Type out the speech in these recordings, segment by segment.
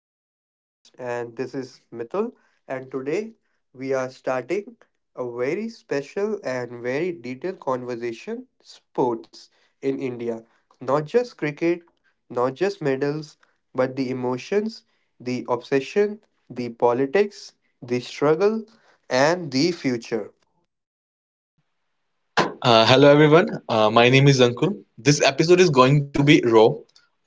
to our podcast, and this is Mithul. And today we are starting a very special and very detailed conversation sports in India. Not just cricket, not just medals, but the emotions, the obsession, the politics, the struggle, and the future. Hello everyone, my name is Ankur. This episode is going to be raw,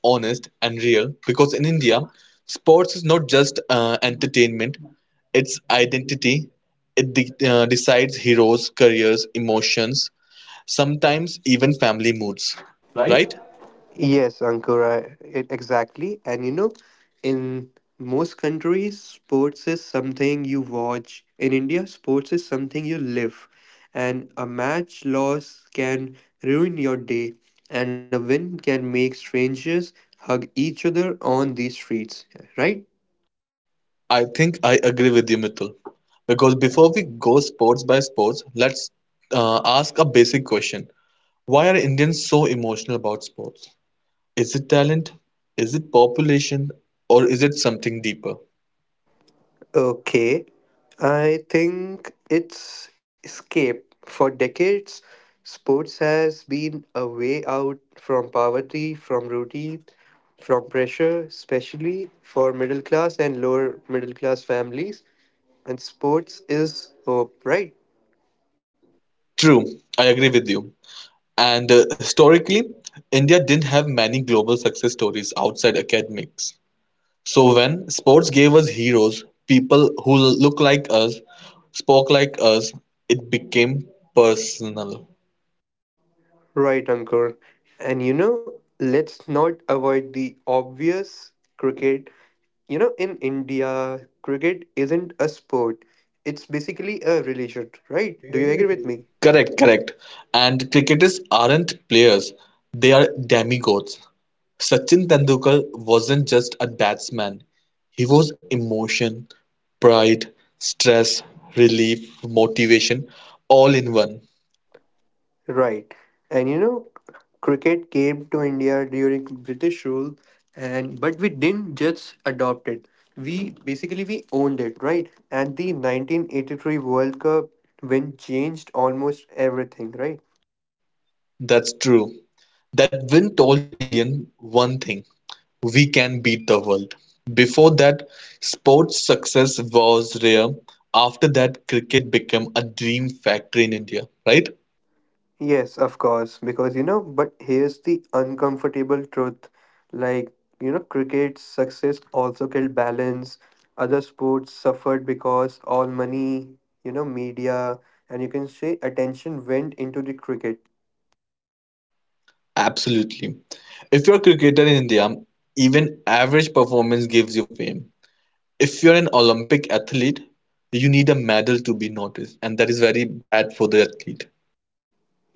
honest, and real because in India, sports is not just entertainment, it's identity. It decides heroes, careers, emotions, sometimes even family moods. Right? Right? Yes, Ankura, exactly. And in most countries, sports is something you watch. In India, sports is something you live. And a match loss can ruin your day, and a win can make strangers hug each other on the streets, right? I think I agree with you, Mitul. Because before we go sports by sports, let's ask a basic question. Why are Indians so emotional about sports? Is it talent? Is it population? Or is it something deeper? Okay, I think it's escape. For decades, sports has been a way out from poverty, from routine, from pressure, especially for middle class and lower middle class families. And sports is hope, right? True, I agree with you. And historically, India didn't have many global success stories outside academics. So when sports gave us heroes, people who look like us, spoke like us, it became personal. Right, Ankur. And let's not avoid the obvious. In India, cricket isn't a sport. It's basically a religion, right? Do you agree with me? Correct, correct. And cricketers aren't players, they are demigods. Sachin Tendulkar wasn't just a batsman, he was emotion, pride, stress, relief, motivation, all in one. Right. And cricket came to India during British rule and but we didn't just adopt it. We basically we owned it, right? And the 1983 World Cup win changed almost everything, right? That's true. That win told Indian one thing: we can beat the world. Before that, sports success was rare. After that, cricket became a dream factory in India, right? Yes, of course, because but here's the uncomfortable truth. Like, cricket's success also killed balance. Other sports suffered because all money, media, and you can say attention went into the cricket. Absolutely. If you're a cricketer in India, even average performance gives you fame. If you're an Olympic athlete, you need a medal to be noticed, and that is very bad for the athlete.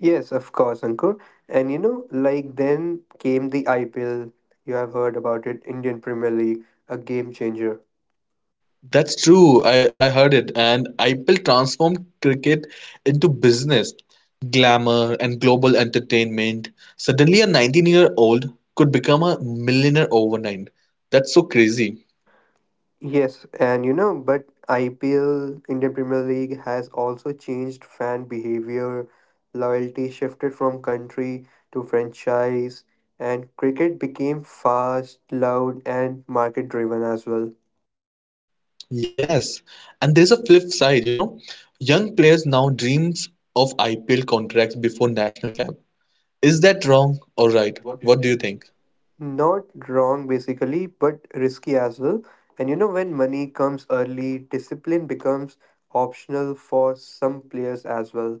Yes, of course, Ankur. And like then came the IPL. You have heard about it, Indian Premier League, a game changer. That's true. I heard it, and IPL transformed cricket into business, glamour, and global entertainment. Suddenly, a 19-year-old could become a millionaire overnight. That's so crazy. Yes, and but IPL, Indian Premier League, has also changed fan behavior. Loyalty shifted from country to franchise, and cricket became fast, loud, and market driven as well. Yes, and there's a flip side, you know. Young players now dreams of IPL contracts before national camp. Is that wrong All or right. right? What do you What do you think? think? Not wrong, basically, but risky as well. And when money comes early, discipline becomes optional for some players as well.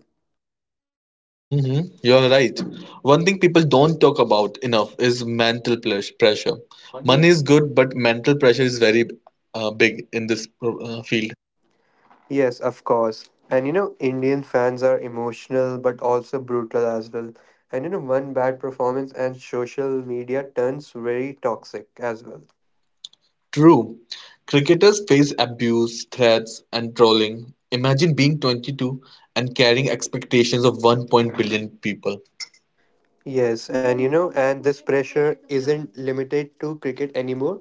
You're right. One thing people don't talk about enough is mental pressure. Money. Money is good, but mental pressure is very big in this field. Yes, of course. And Indian fans are emotional but also brutal as well. And one bad performance and social media turns very toxic as well. True. Cricketers face abuse, threats, and trolling. Imagine being 22 and carrying expectations of one point billion people. Yes, and this pressure isn't limited to cricket anymore.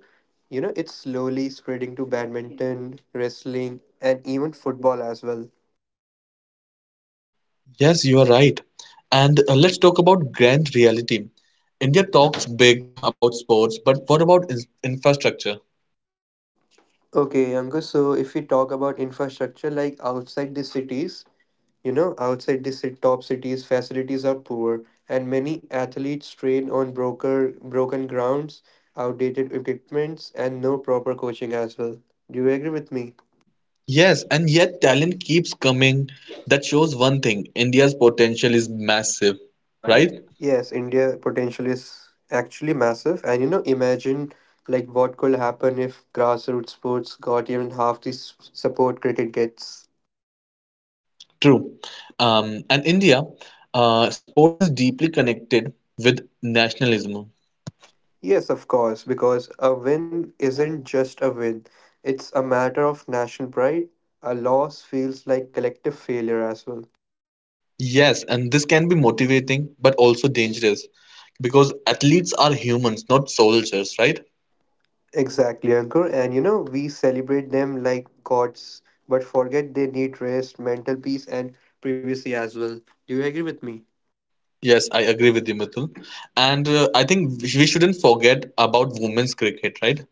It's slowly spreading to badminton, wrestling, and even football as well. Yes, you are right. And let's talk about grand reality. India talks big about sports, but what about infrastructure? Okay, Angus, so if we talk about infrastructure like outside the cities. Outside the top cities, facilities are poor, and many athletes train on broken grounds, outdated equipments, and no proper coaching as well. Do you agree with me? Yes, and yet talent keeps coming. That shows one thing, India's potential is massive, Right? right? Yes, India potential is actually massive, and imagine like what could happen if grassroots sports got even half the support cricket gets. True. And India, sports is deeply connected with nationalism. Yes, of course, because a win isn't just a win, it's a matter of national pride. A loss feels like collective failure as well. Yes, and this can be motivating, but also dangerous because athletes are humans, not soldiers, right? Exactly, Ankur. And we celebrate them like gods, but forget they need rest, mental peace, and privacy as well. Do you agree with me? Yes, I agree with you, Mithul. And I think we shouldn't forget about women's cricket, right?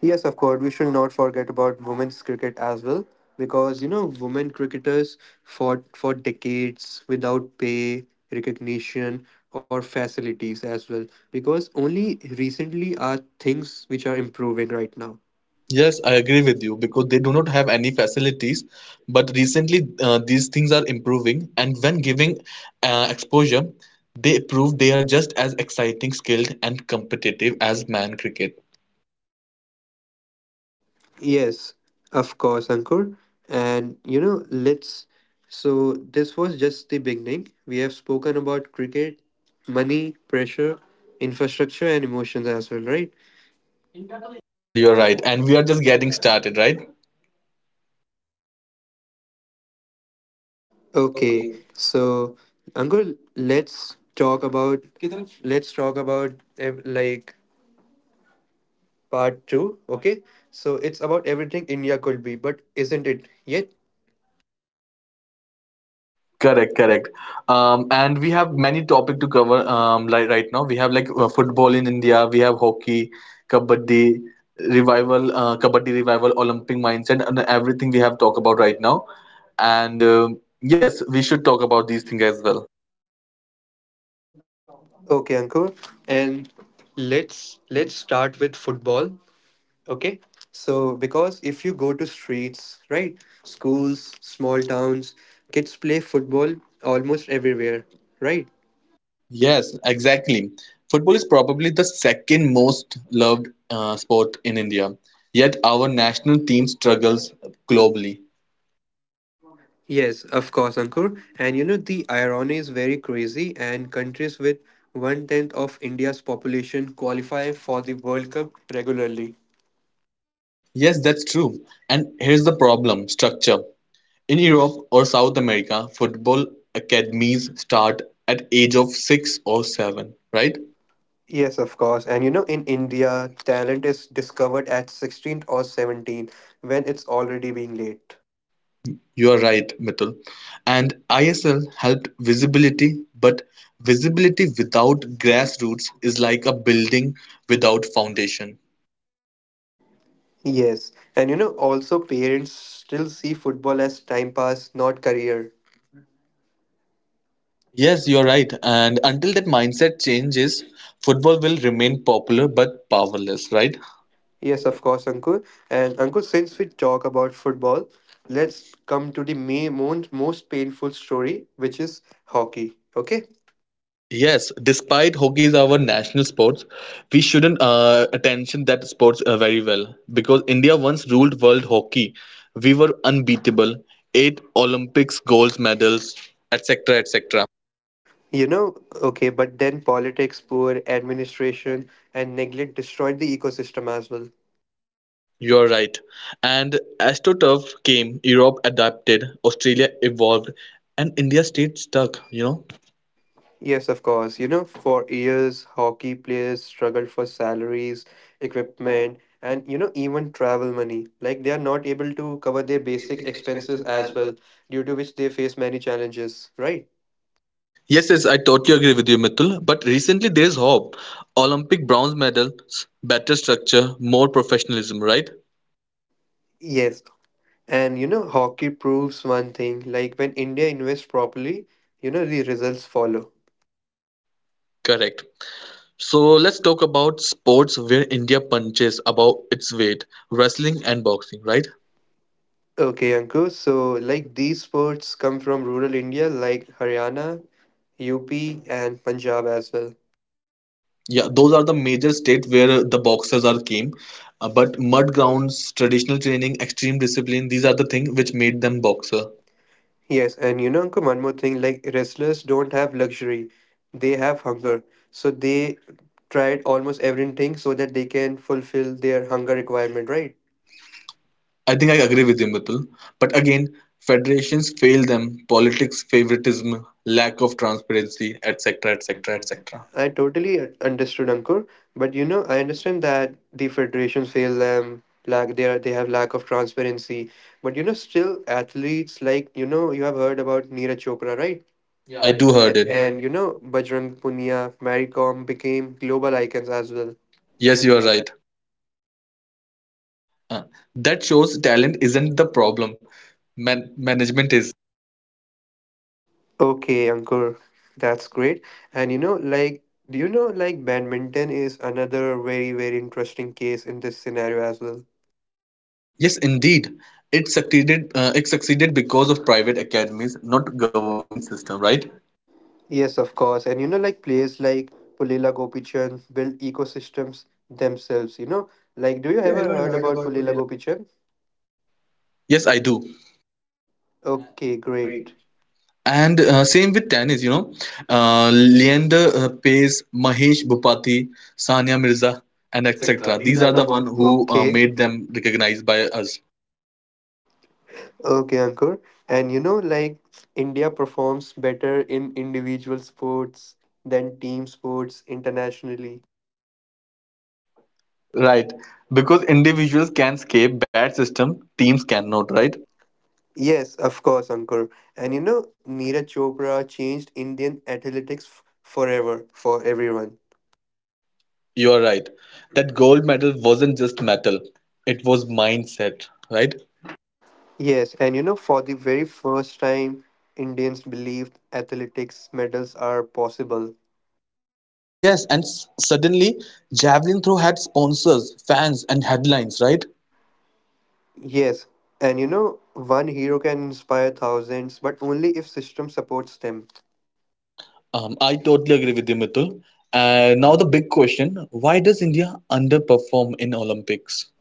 Yes, of course. We should not forget about women's cricket as well, because women cricketers fought for decades without pay, recognition, or facilities as well. Because only recently are things which are improving right now. Yes, Yes, I I. agree with you because they do not have any facilities. But recently, these things are improving, and when giving exposure, they prove they are just as exciting, skilled, and competitive as man cricket. Yes, of course, Ankur. And you know, let's. So, this was just the beginning. We have spoken about cricket, money, pressure, infrastructure, and emotions as well, right? Yes, you're right. And we are just getting started, right? Okay, so Angul, let's talk about Kitaraf? Let's talk about like part two. Okay, so it's about everything India could be, but isn't it yet? Correct, correct. And we have many topic to cover like right now. We have like football in India. We have hockey, kabaddi kabaddi revival, Olympic mindset, and everything we have talk about right now. And yes, we should talk about these things as well. Okay, Angul, and let's start with football. Okay, so because if you go to streets, right, schools, small towns, kids play football almost everywhere, right? Yes, exactly. Football is probably the second most loved sport in India. Yet our national team struggles globally. Yes, of course, Ankur. And the irony is very crazy, and countries with one tenth of India's population qualify for the World Cup regularly. Yes, that's true. And here's the problem: structure. In Europe or South America, football academies start at age of six or seven, right? Yes, of course. And in India, talent is discovered at 16 or 17 when it's already being late. You are right, Mithil. And ISL helped visibility, but visibility without grassroots is like a building without foundation. Yes. And also parents still see football as time pass, not career. Yes, Yes, you're you're right. right. And. And until that mindset changes, football will remain popular but powerless, right? Yes, of course, Ankur. And Ankur, since we talk about football, let's come to the main, most painful story, which is hockey. Okay? Yes, despite hockey is our national sports, we shouldn't attention that sports very well because India once ruled world hockey. We were unbeatable, eight Olympics gold medals, etc., etc. You know, okay, but then politics, poor administration, and neglect destroyed the ecosystem as well. You are right. And AstroTurf came, Europe adapted, Australia evolved, and India stayed stuck. You know. Yes, of course. For years, hockey players struggled for salaries, equipment, and even travel money. Like they are not able to cover their basic expenses as well, due to which they face many challenges, right? Yes, yes, I totally agree with you, Mitul. But recently there is hope. Olympic bronze medals, better structure, more professionalism. Right? Yes, and hockey proves one thing like when India invests properly, the results follow. Correct. So let's talk about sports where India punches above its weight, wrestling and boxing, right? Okay, Ankur. So, like these sports come from rural India, like Haryana, UP, and Punjab as well. Yeah, those are the major states where the boxers are came. But mud grounds, traditional training, extreme discipline, these are the things which made them boxer. Yes, and Ankur, one more thing like wrestlers don't have luxury, they have hunger. So, they tried almost everything so that they can fulfill their hunger requirement, right? I think I agree with you, Mithul. But again, federations fail them, politics, favoritism, lack of transparency, etc., etc., Etc., etc. etc. I totally understood Ankur, but you know I understand that the federations fail them, lack they are, they have lack of transparency. But you know still athletes like you know you have heard about Neeraj Chopra, right? Yeah, Yeah, I I do do heard have. And it. Bajrang Punia, Mary Kom became global icons as well. Yes, Yes, you you are are right. right. Uh, that shows talent isn't the problem. Man management is. Okay, Ankur, that's great. And like, do you know, like, badminton is another very, very interesting case in this scenario as well. Yes, indeed. It succeeded because of private academies, not government system, right? Yes, of course. And like players like Pulila Gopichand build ecosystems themselves, you know? Like, do you ever heard about Pulila Gopichand? Yes, I do. A- Okay, great. and same with tennis. Leander Pace, Mahesh Bhupathi, Sania Mirza, And and etc. etc. These These are are the the one one who who made made them. them recognized by us. Okay, Ankur. And like India performs better in individual sports than team sports internationally. Right. Because individuals can escape bad system, teams cannot, Right? right? Yes, of course, Ankur. And Neeraj Chopra changed Indian athletics forever for everyone. You are right. That gold medal wasn't just metal, it was mindset, right? Yes, and for the very first time, Indians believed athletics medals are possible. Yes, and suddenly javelin throw had sponsors, fans, and headlines, right? Yes, and one hero can inspire thousands, but only if system supports them. I totally agree with you, Mithul. Now the big question: Why does India underperform in Olympics?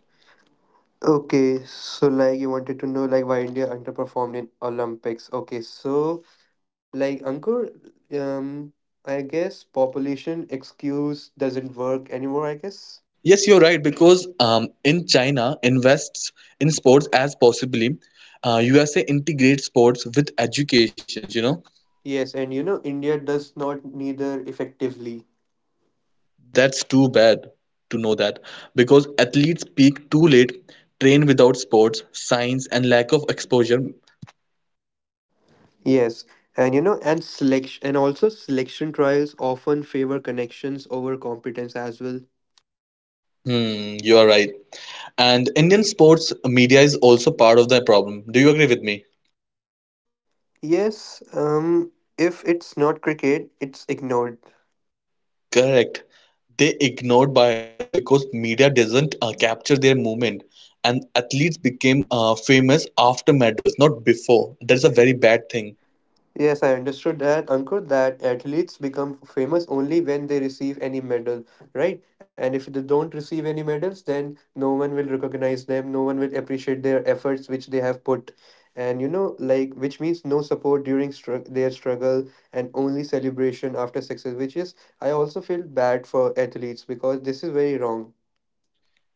Okay, so like you wanted to know like why India underperformed in Olympics. Okay, so like Ankur, um, I guess population excuse doesn't work anymore, I guess. Yes, you're right because in China invests in sports as possibly USA integrates sports with educations. You know Yes, and India does not neither effectively. that's too bad to know that because athletes peak too late, train without sports, science, and lack of exposure. Yes, and selection and also selection trials often favor connections over competence as well. Hmm, you are right. And Indian sports media is also part of the problem. Do you agree with me? Yes, if it's not cricket, it's ignored. Correct. They ignored bias because media doesn't capture their movement, and athletes became famous after medals, not before. That is a very bad thing. Yes, I understood that, Ankur, that athletes become famous only when they receive any medal, right? And if they don't receive any medals, then no one will recognize them, no one will appreciate their efforts which they have put. And like, which means no support during str their struggle and only celebration after success, which is, I also feel bad for athletes because this is very wrong.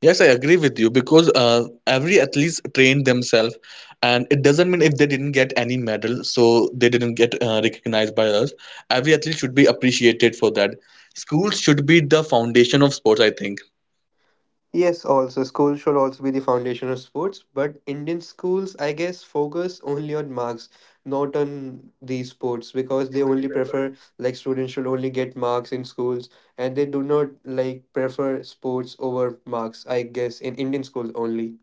Yes, I agree with you because every athlete trained themselves, and it doesn't mean if they didn't get any medal, so they didn't get recognized by us. Every athlete should be appreciated for that. Schools should be the foundation of sports, I think. Yes, also schools should also be the foundation of sports, but Indian schools, I guess, focus only on marks, not on these sports, because they only prefer like students should only get marks in schools, and they do not like prefer sports over marks. I guess in Indian schools only.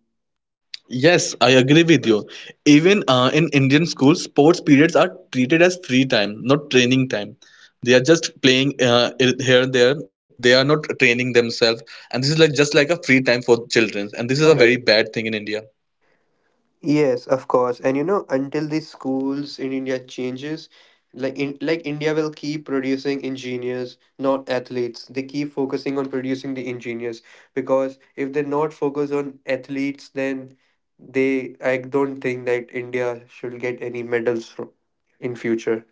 Yes, I agree with you. Even in Indian schools, sports periods are treated as free time, not training time. They are just playing here and there. They are not training themselves, and this is like just like a free time for children. And this This is is a a very very bad thing in India. Yes, of course. And until the schools in India changes, like in like India will keep producing engineers, not athletes. They keep focusing on producing the engineers because if they not focus on athletes, then they I don't think that India should get any medals from in future.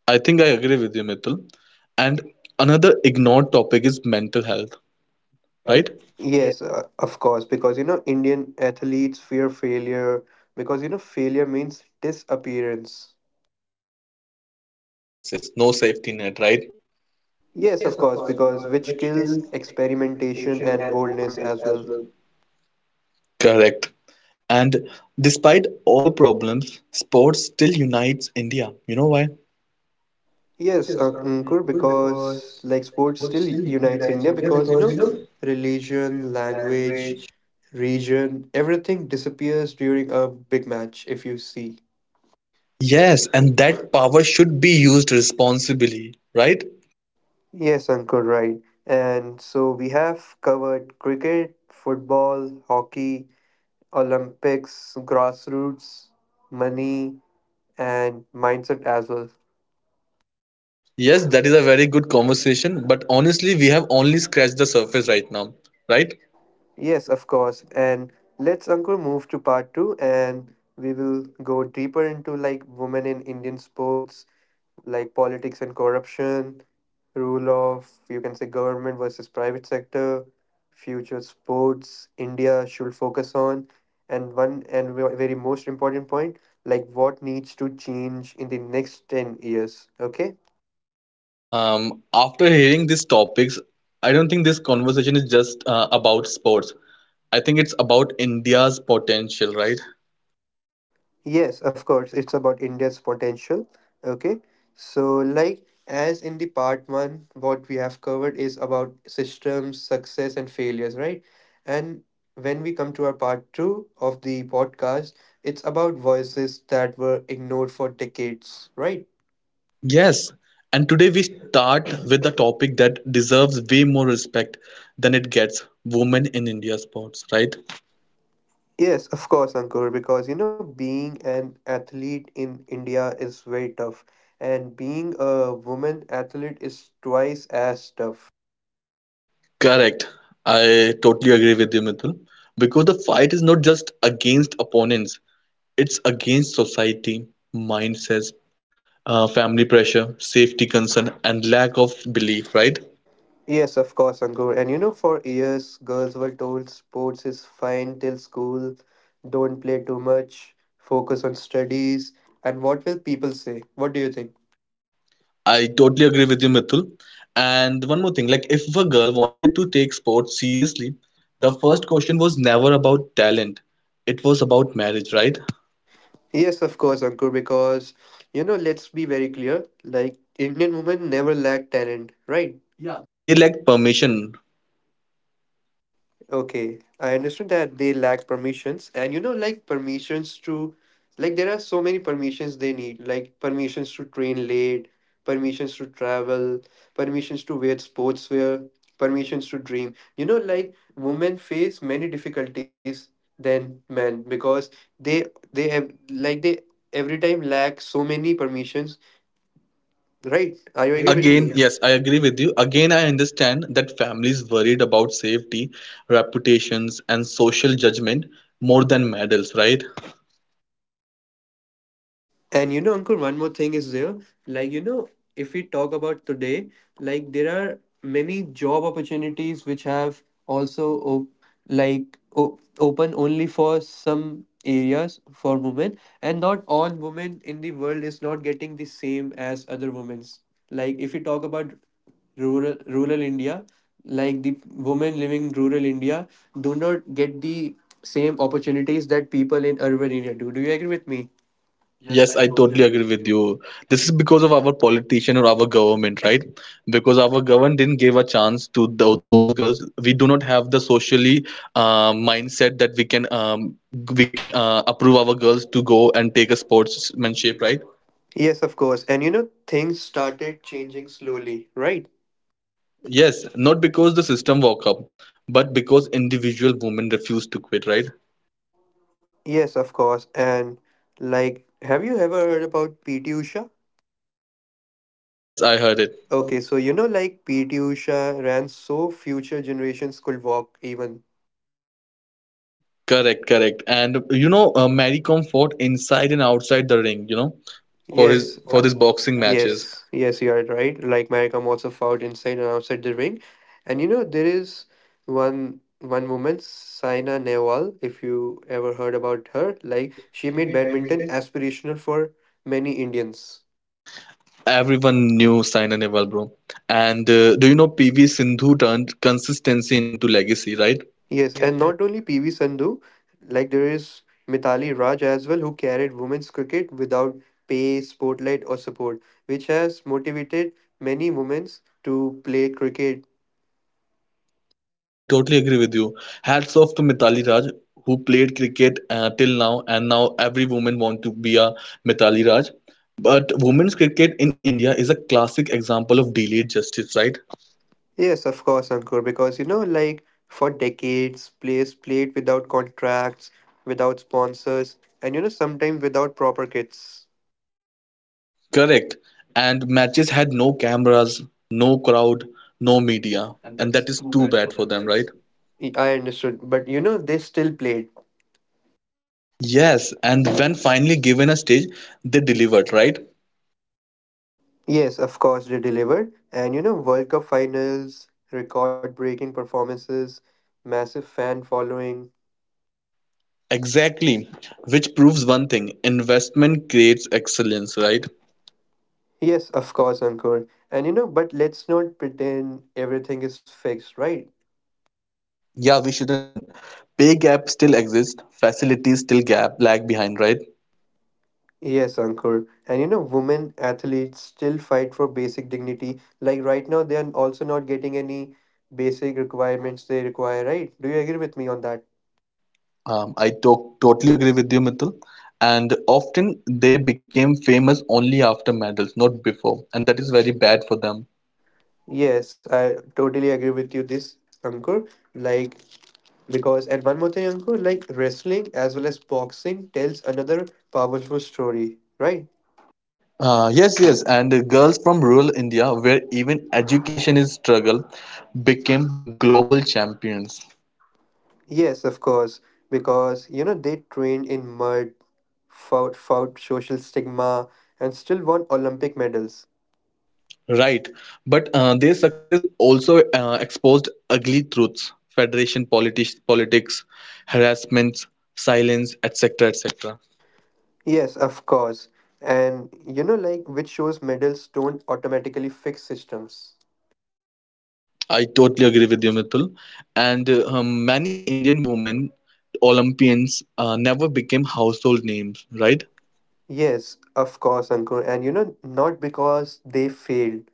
I think I agree with you, Mithil. And another ignored topic is mental health, Right? right? Yes, of course, because you know Indian athletes fear failure because you know failure means disappearance. Yes, no second chances, no safety net, right? Yes, of course, because which kills experimentation and boldness as well. Correct. And despite all problems, sports still unites India. You know why? Yes, Ankur, because like sports still unites India because religion, language, region, everything disappears during a big match if you see. Yes, and that power should be used responsibly, right? Yes, Ankur, right. And so we have covered cricket, football, hockey, Olympics, grassroots, money, and mindset as well. Yes, that is a very good conversation, but honestly, we have only scratched the surface right now, right? Yes, of course. And let's, Ankur, move to part two and we will go deeper into like women in Indian sports, like politics and corruption, rule of you can say government versus private sector, future sports India should focus on, and one and very most important point, like what needs to change in the next 10 years. Okay. After hearing these topics, I don't think this conversation is just about sports. I think it's about India's potential, right? Yes, of course, it's about India's potential. Okay, so like as in the part one, what we have covered is about systems, success, and failures, right? And when we come to our part two of the podcast, it's about voices that were ignored for decades, right? Yes, and today we start with a topic that deserves way more respect than it gets, women in India sports, right? Yes, of course, Ankur, because being an athlete in India is very tough, and being a woman athlete is twice as tough. Correct. I totally agree with you, Mithun. Because the fight is not just against opponents, it's against society, mindsets, family pressure, safety concern, and lack of belief, right? Yes, of course, Ankur. And for years, girls were told sports is fine till school, don't play too much, focus on studies. And what will people say? What do you think? I totally agree with you, Mithul. And one more thing, like if a girl wanted to take sports seriously, the first question was never about talent. It was about marriage, right? Yes, of course, Ankur, because let's be very clear like, Indian women never lack talent, right? Yeah, they lacked permission. Okay, I understood that they lack permissions, and you know, like permissions to, like, there are so many permissions they need, like permissions to train late, permissions to travel, permissions to wear sportswear, permissions to dream. You know, like women face many difficulties than men because they they have like they every time lack so many permissions, right? Are you agree with Again, me? yes, I agree with you. Again, I understand that families worried about safety, reputations, and social judgment more than medals, right? And you know, Ankur, one more thing is there. Like, you know, if we talk about today, like there are many job opportunities which have also open only for some areas for women, and not all women in the world is not getting the same as other women's. Like, if we talk about rural India, like the women living in rural India do not get the same opportunities that people in urban India do. Do you agree with me? Yes, Yes, I I totally totally agree agree with with you. you. This is because of our politician or our government, right? Because our government didn't give a chance to those girls. We do not have the socially mindset that we can approve our girls to go and take a sportsmanship, right? Yes, of course. And you know, things started changing slowly, right? Yes, not because the system woke up, but because individual women refused to quit, right? Yes, of course. And like, have you ever heard about PT Usha? Yes, I heard it. Okay, so you know, like PT Usha ran so future generations could walk even. Correct, correct. And Mary Kom fought inside and outside the ring, for his Yes. For these boxing matches. Yes. Yes, you are right. Like Maricom also fought inside and outside the ring. And you know, there is one woman, Saina Nehwal, if you ever heard about her, like she made badminton aspirational for many Indians. Everyone knew Saina Nehwal, bro. And do you know PV Sindhu turned consistency into legacy, right? Yes, and not only PV Sandhu, like there is Mitali Raj as well, who carried women's cricket without pay, spotlight, or support, which has motivated many women to play cricket. Yes, I totally agree with you. Hats off to Mitali Raj, who played cricket till now, and now every woman want to be a Mitali Raj. But women's cricket in India is a classic example of delayed justice, right? Yes, of course, Ankur, because you know, like for decades, players played without contracts, without sponsors, and you know, sometimes without proper kits. Correct. And matches had no cameras, no crowd, no media, And and that is that is too too bad for bad for them, them, right? right? I understood, but you know, they still played. Yes, and when finally given a stage, they delivered, right? Yes, of course, they delivered. And you know, World Cup finals, record breaking performances, massive fan following. Exactly, which proves one thing: investment creates excellence, Right? right? Yes, of course, Ankur. And you know, but let's not pretend everything is fixed, right? Yeah, we shouldn't. Pay gap still exist. Facilities still gap lag behind, right? Yes, Ankur. And you know, women athletes still fight for basic dignity. Like right now, they are also not getting any basic requirements they require, right? Do you agree with me on that? I totally agree with you, Mithil. And often they became famous only after medals, not before, and that is very bad for them. Yes, I totally agree with you this, Ankur. Like, because, and one more thing, Ankur, like wrestling as well as boxing tells another powerful story, right? Yes, yes, and the girls from rural India, where even education is struggle, became global champions. Yes, of course. Because, you know, they trained in mud, fought social stigma, and still won Olympic medals. Right, but their success also exposed ugly truths: federation politics, harassments, silence, etc., etc. Yes, of course. And you know, like, which shows medals don't automatically fix systems. I totally agree with you, Mithul. And many Indian women Olympians never became household names, Right. right? Yes, of course, Ankur. And you know,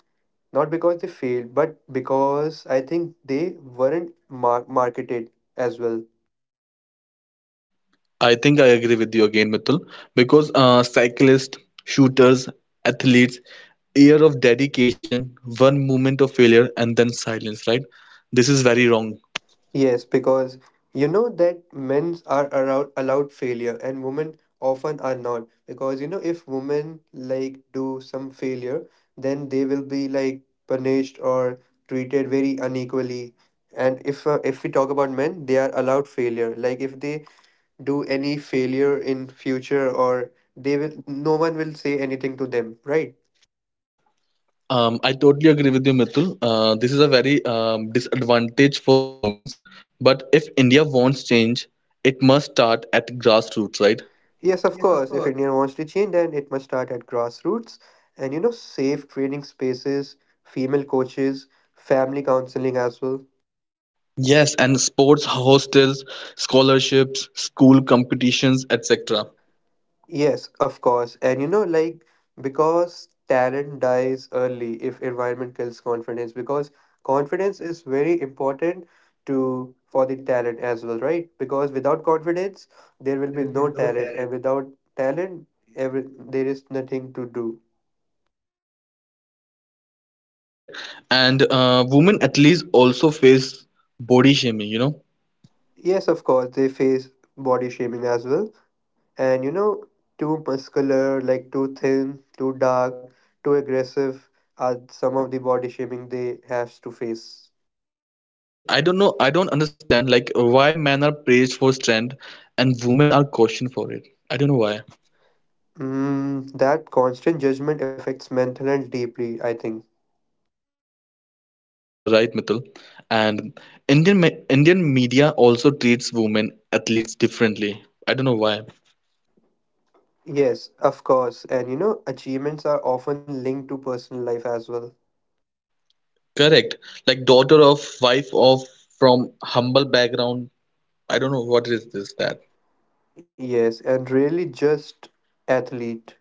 not because they failed, but because I think they weren't marketed as well. I think I agree with you again, Mithul, because cyclists, shooters, athletes, year of dedication, one moment of failure, and then silence, right? This is very wrong. Yes, because you know that men are allowed failure and women often are not. Because you know, if women like do some failure, then they will be like punished or treated very unequally. And if we talk about men, they are allowed failure. Like if they do any failure in future, or they will, no one will say anything to them, right? I totally agree with you, Mithul. This is a very disadvantage for women. But if India wants change, it must start at grassroots, right? Yes, of course. If India wants to change, then it must start at grassroots and, you know, safe training spaces, female coaches, family counseling as well. Yes, and sports hostels, scholarships, school competitions, etc. Yes, of course. And, you know, like, because talent dies early if environment kills confidence, because confidence is very important to for the talent as well, right? Because without confidence, there will be no talent, and without talent, every, there is nothing to do. Correct. And women athletes also face body shaming, you know? Yes, of course, they face body shaming as well, and you know, too muscular, like too thin, too dark, too aggressive are some of the body shaming they have to face. Yes, I don't know. I don't understand like why men are praised for strength and women are cautioned for it. I don't know why. That constant judgment affects mental health deeply, I think. You are right, Mithil. And Indian media also treats women athletes differently. I don't know why. Yes, of course, and you know, achievements are often linked to personal life as well. Correct. Like daughter of wife of from humble background. I don't know what is this that. Yes, and really just athlete.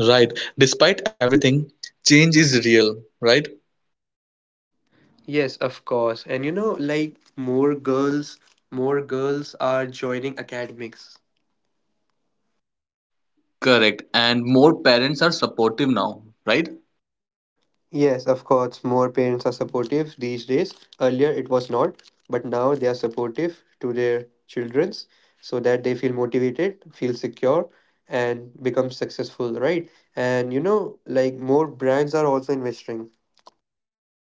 Right. Despite everything, change is real, right? Yes, of course. And you know, like more girls are joining academics. Correct. And more parents are supportive now, right? Yes, of course, more parents are supportive these days. Earlier, it was not, but now they are supportive to their childrens so that they feel motivated, feel secure, and become successful, right? And you know, like more brands are also investing.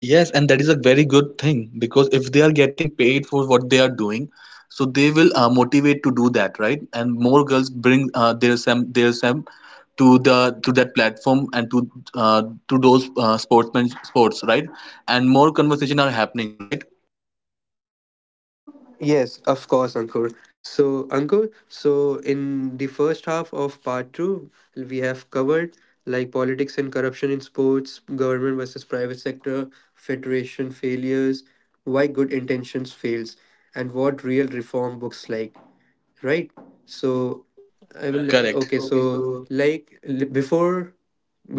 Yes, and that is a very good thing because if they are getting paid for what they are doing, so they will motivate to do that, right? And more girls bring their sem to that platform and to those sportsmen sports, right? And more conversation are happening, right? Yes, of course, Ankur. So, Ankur, so in the first half of part two, we have covered like politics and corruption in sports, government versus private sector, federation failures, why good intentions fails, and what real reform books like, right? So, I will. Right. Correct. Okay, Okay, so so. like before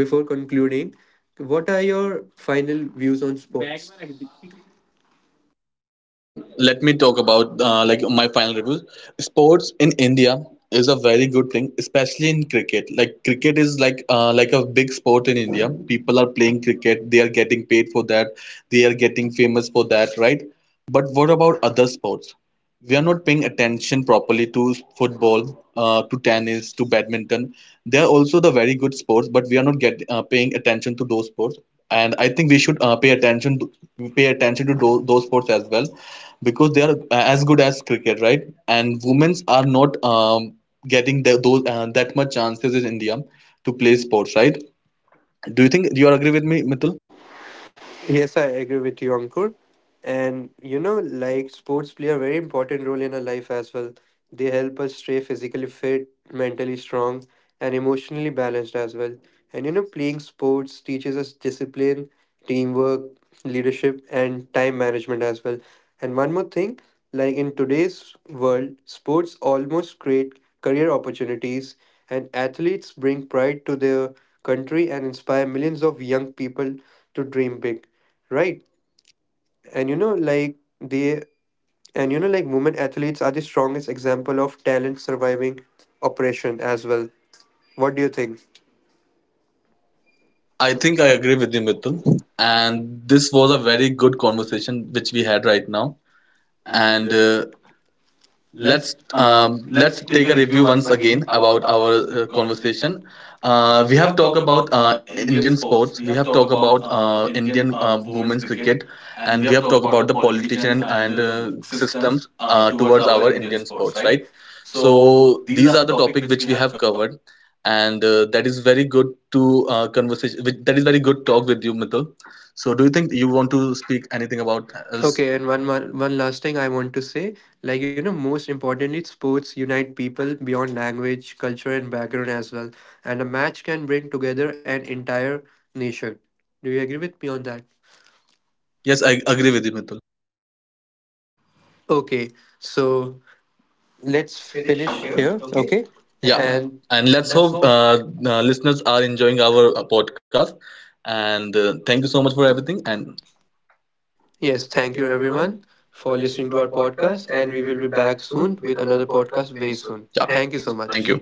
before concluding, what are your final views on sports? Okay, let me talk about like my final review. Sports in India is a very good thing, especially in cricket. Like cricket is like a big sport in India. People are playing cricket. They are getting paid for that. They are getting famous for that, right? But what about other sports? We are not paying attention properly to football, to tennis, to badminton. They are also the very good sports, but we are not get paying attention to those sports. And I think we should pay attention to those sports as well, because they are as good as cricket, right? And women's are not getting those that much chances in India to play sports, right? Do you agree with me, Mithil? Yes, I agree with you, Ankur. And you know, like sports play a very important role in our life as well. They help us stay physically fit, mentally strong, and emotionally balanced as well. And you know, playing sports teaches us discipline, teamwork, leadership, and time management as well. And one more thing, like in today's world, sports almost create career opportunities, and athletes bring pride to their country and inspire millions of young people to dream big, right? and you know like they and you know, like women athletes are the strongest example of talent surviving oppression as well. What do you think? I I think think I I agree agree with with you, you, Mithil. Mithun. And And this this was was a a very very good good conversation conversation which which we we had had right right now. now. and And uh, let's um, let's let's take take a a review review once once again again about about our our conversation. conversation. Uh, We we have have talked talked about about Indian Indian sports. sports, We we have have talked talked about about Indian Indian women's women's cricket, cricket, and and we we have have talked talked about about the the politician politician and and systems systems towards towards our our Indian Indian sports. sports, Right. right? So So these these are are the the topic topic which which we we have have covered. covered, and that is very good to conversation. That is very good talk with you, Mithul. So do you think you want to speak anything about else? Okay, and one one last thing I want to say, like you know, most importantly, sports unite people beyond language, culture, and background as well. And a match can bring together an entire nation. Do you agree with me on that? Yes, I agree with you, Mithul. Okay, so let's finish here. Okay, Yeah, and and let's let's hope hope. Listeners are enjoying our podcast. And thank you so much for everything. And Yes, thank you everyone for listening to our podcast, and we will be back soon with another podcast very soon. yeah, thank you. Thank you so much. so Thank you. much.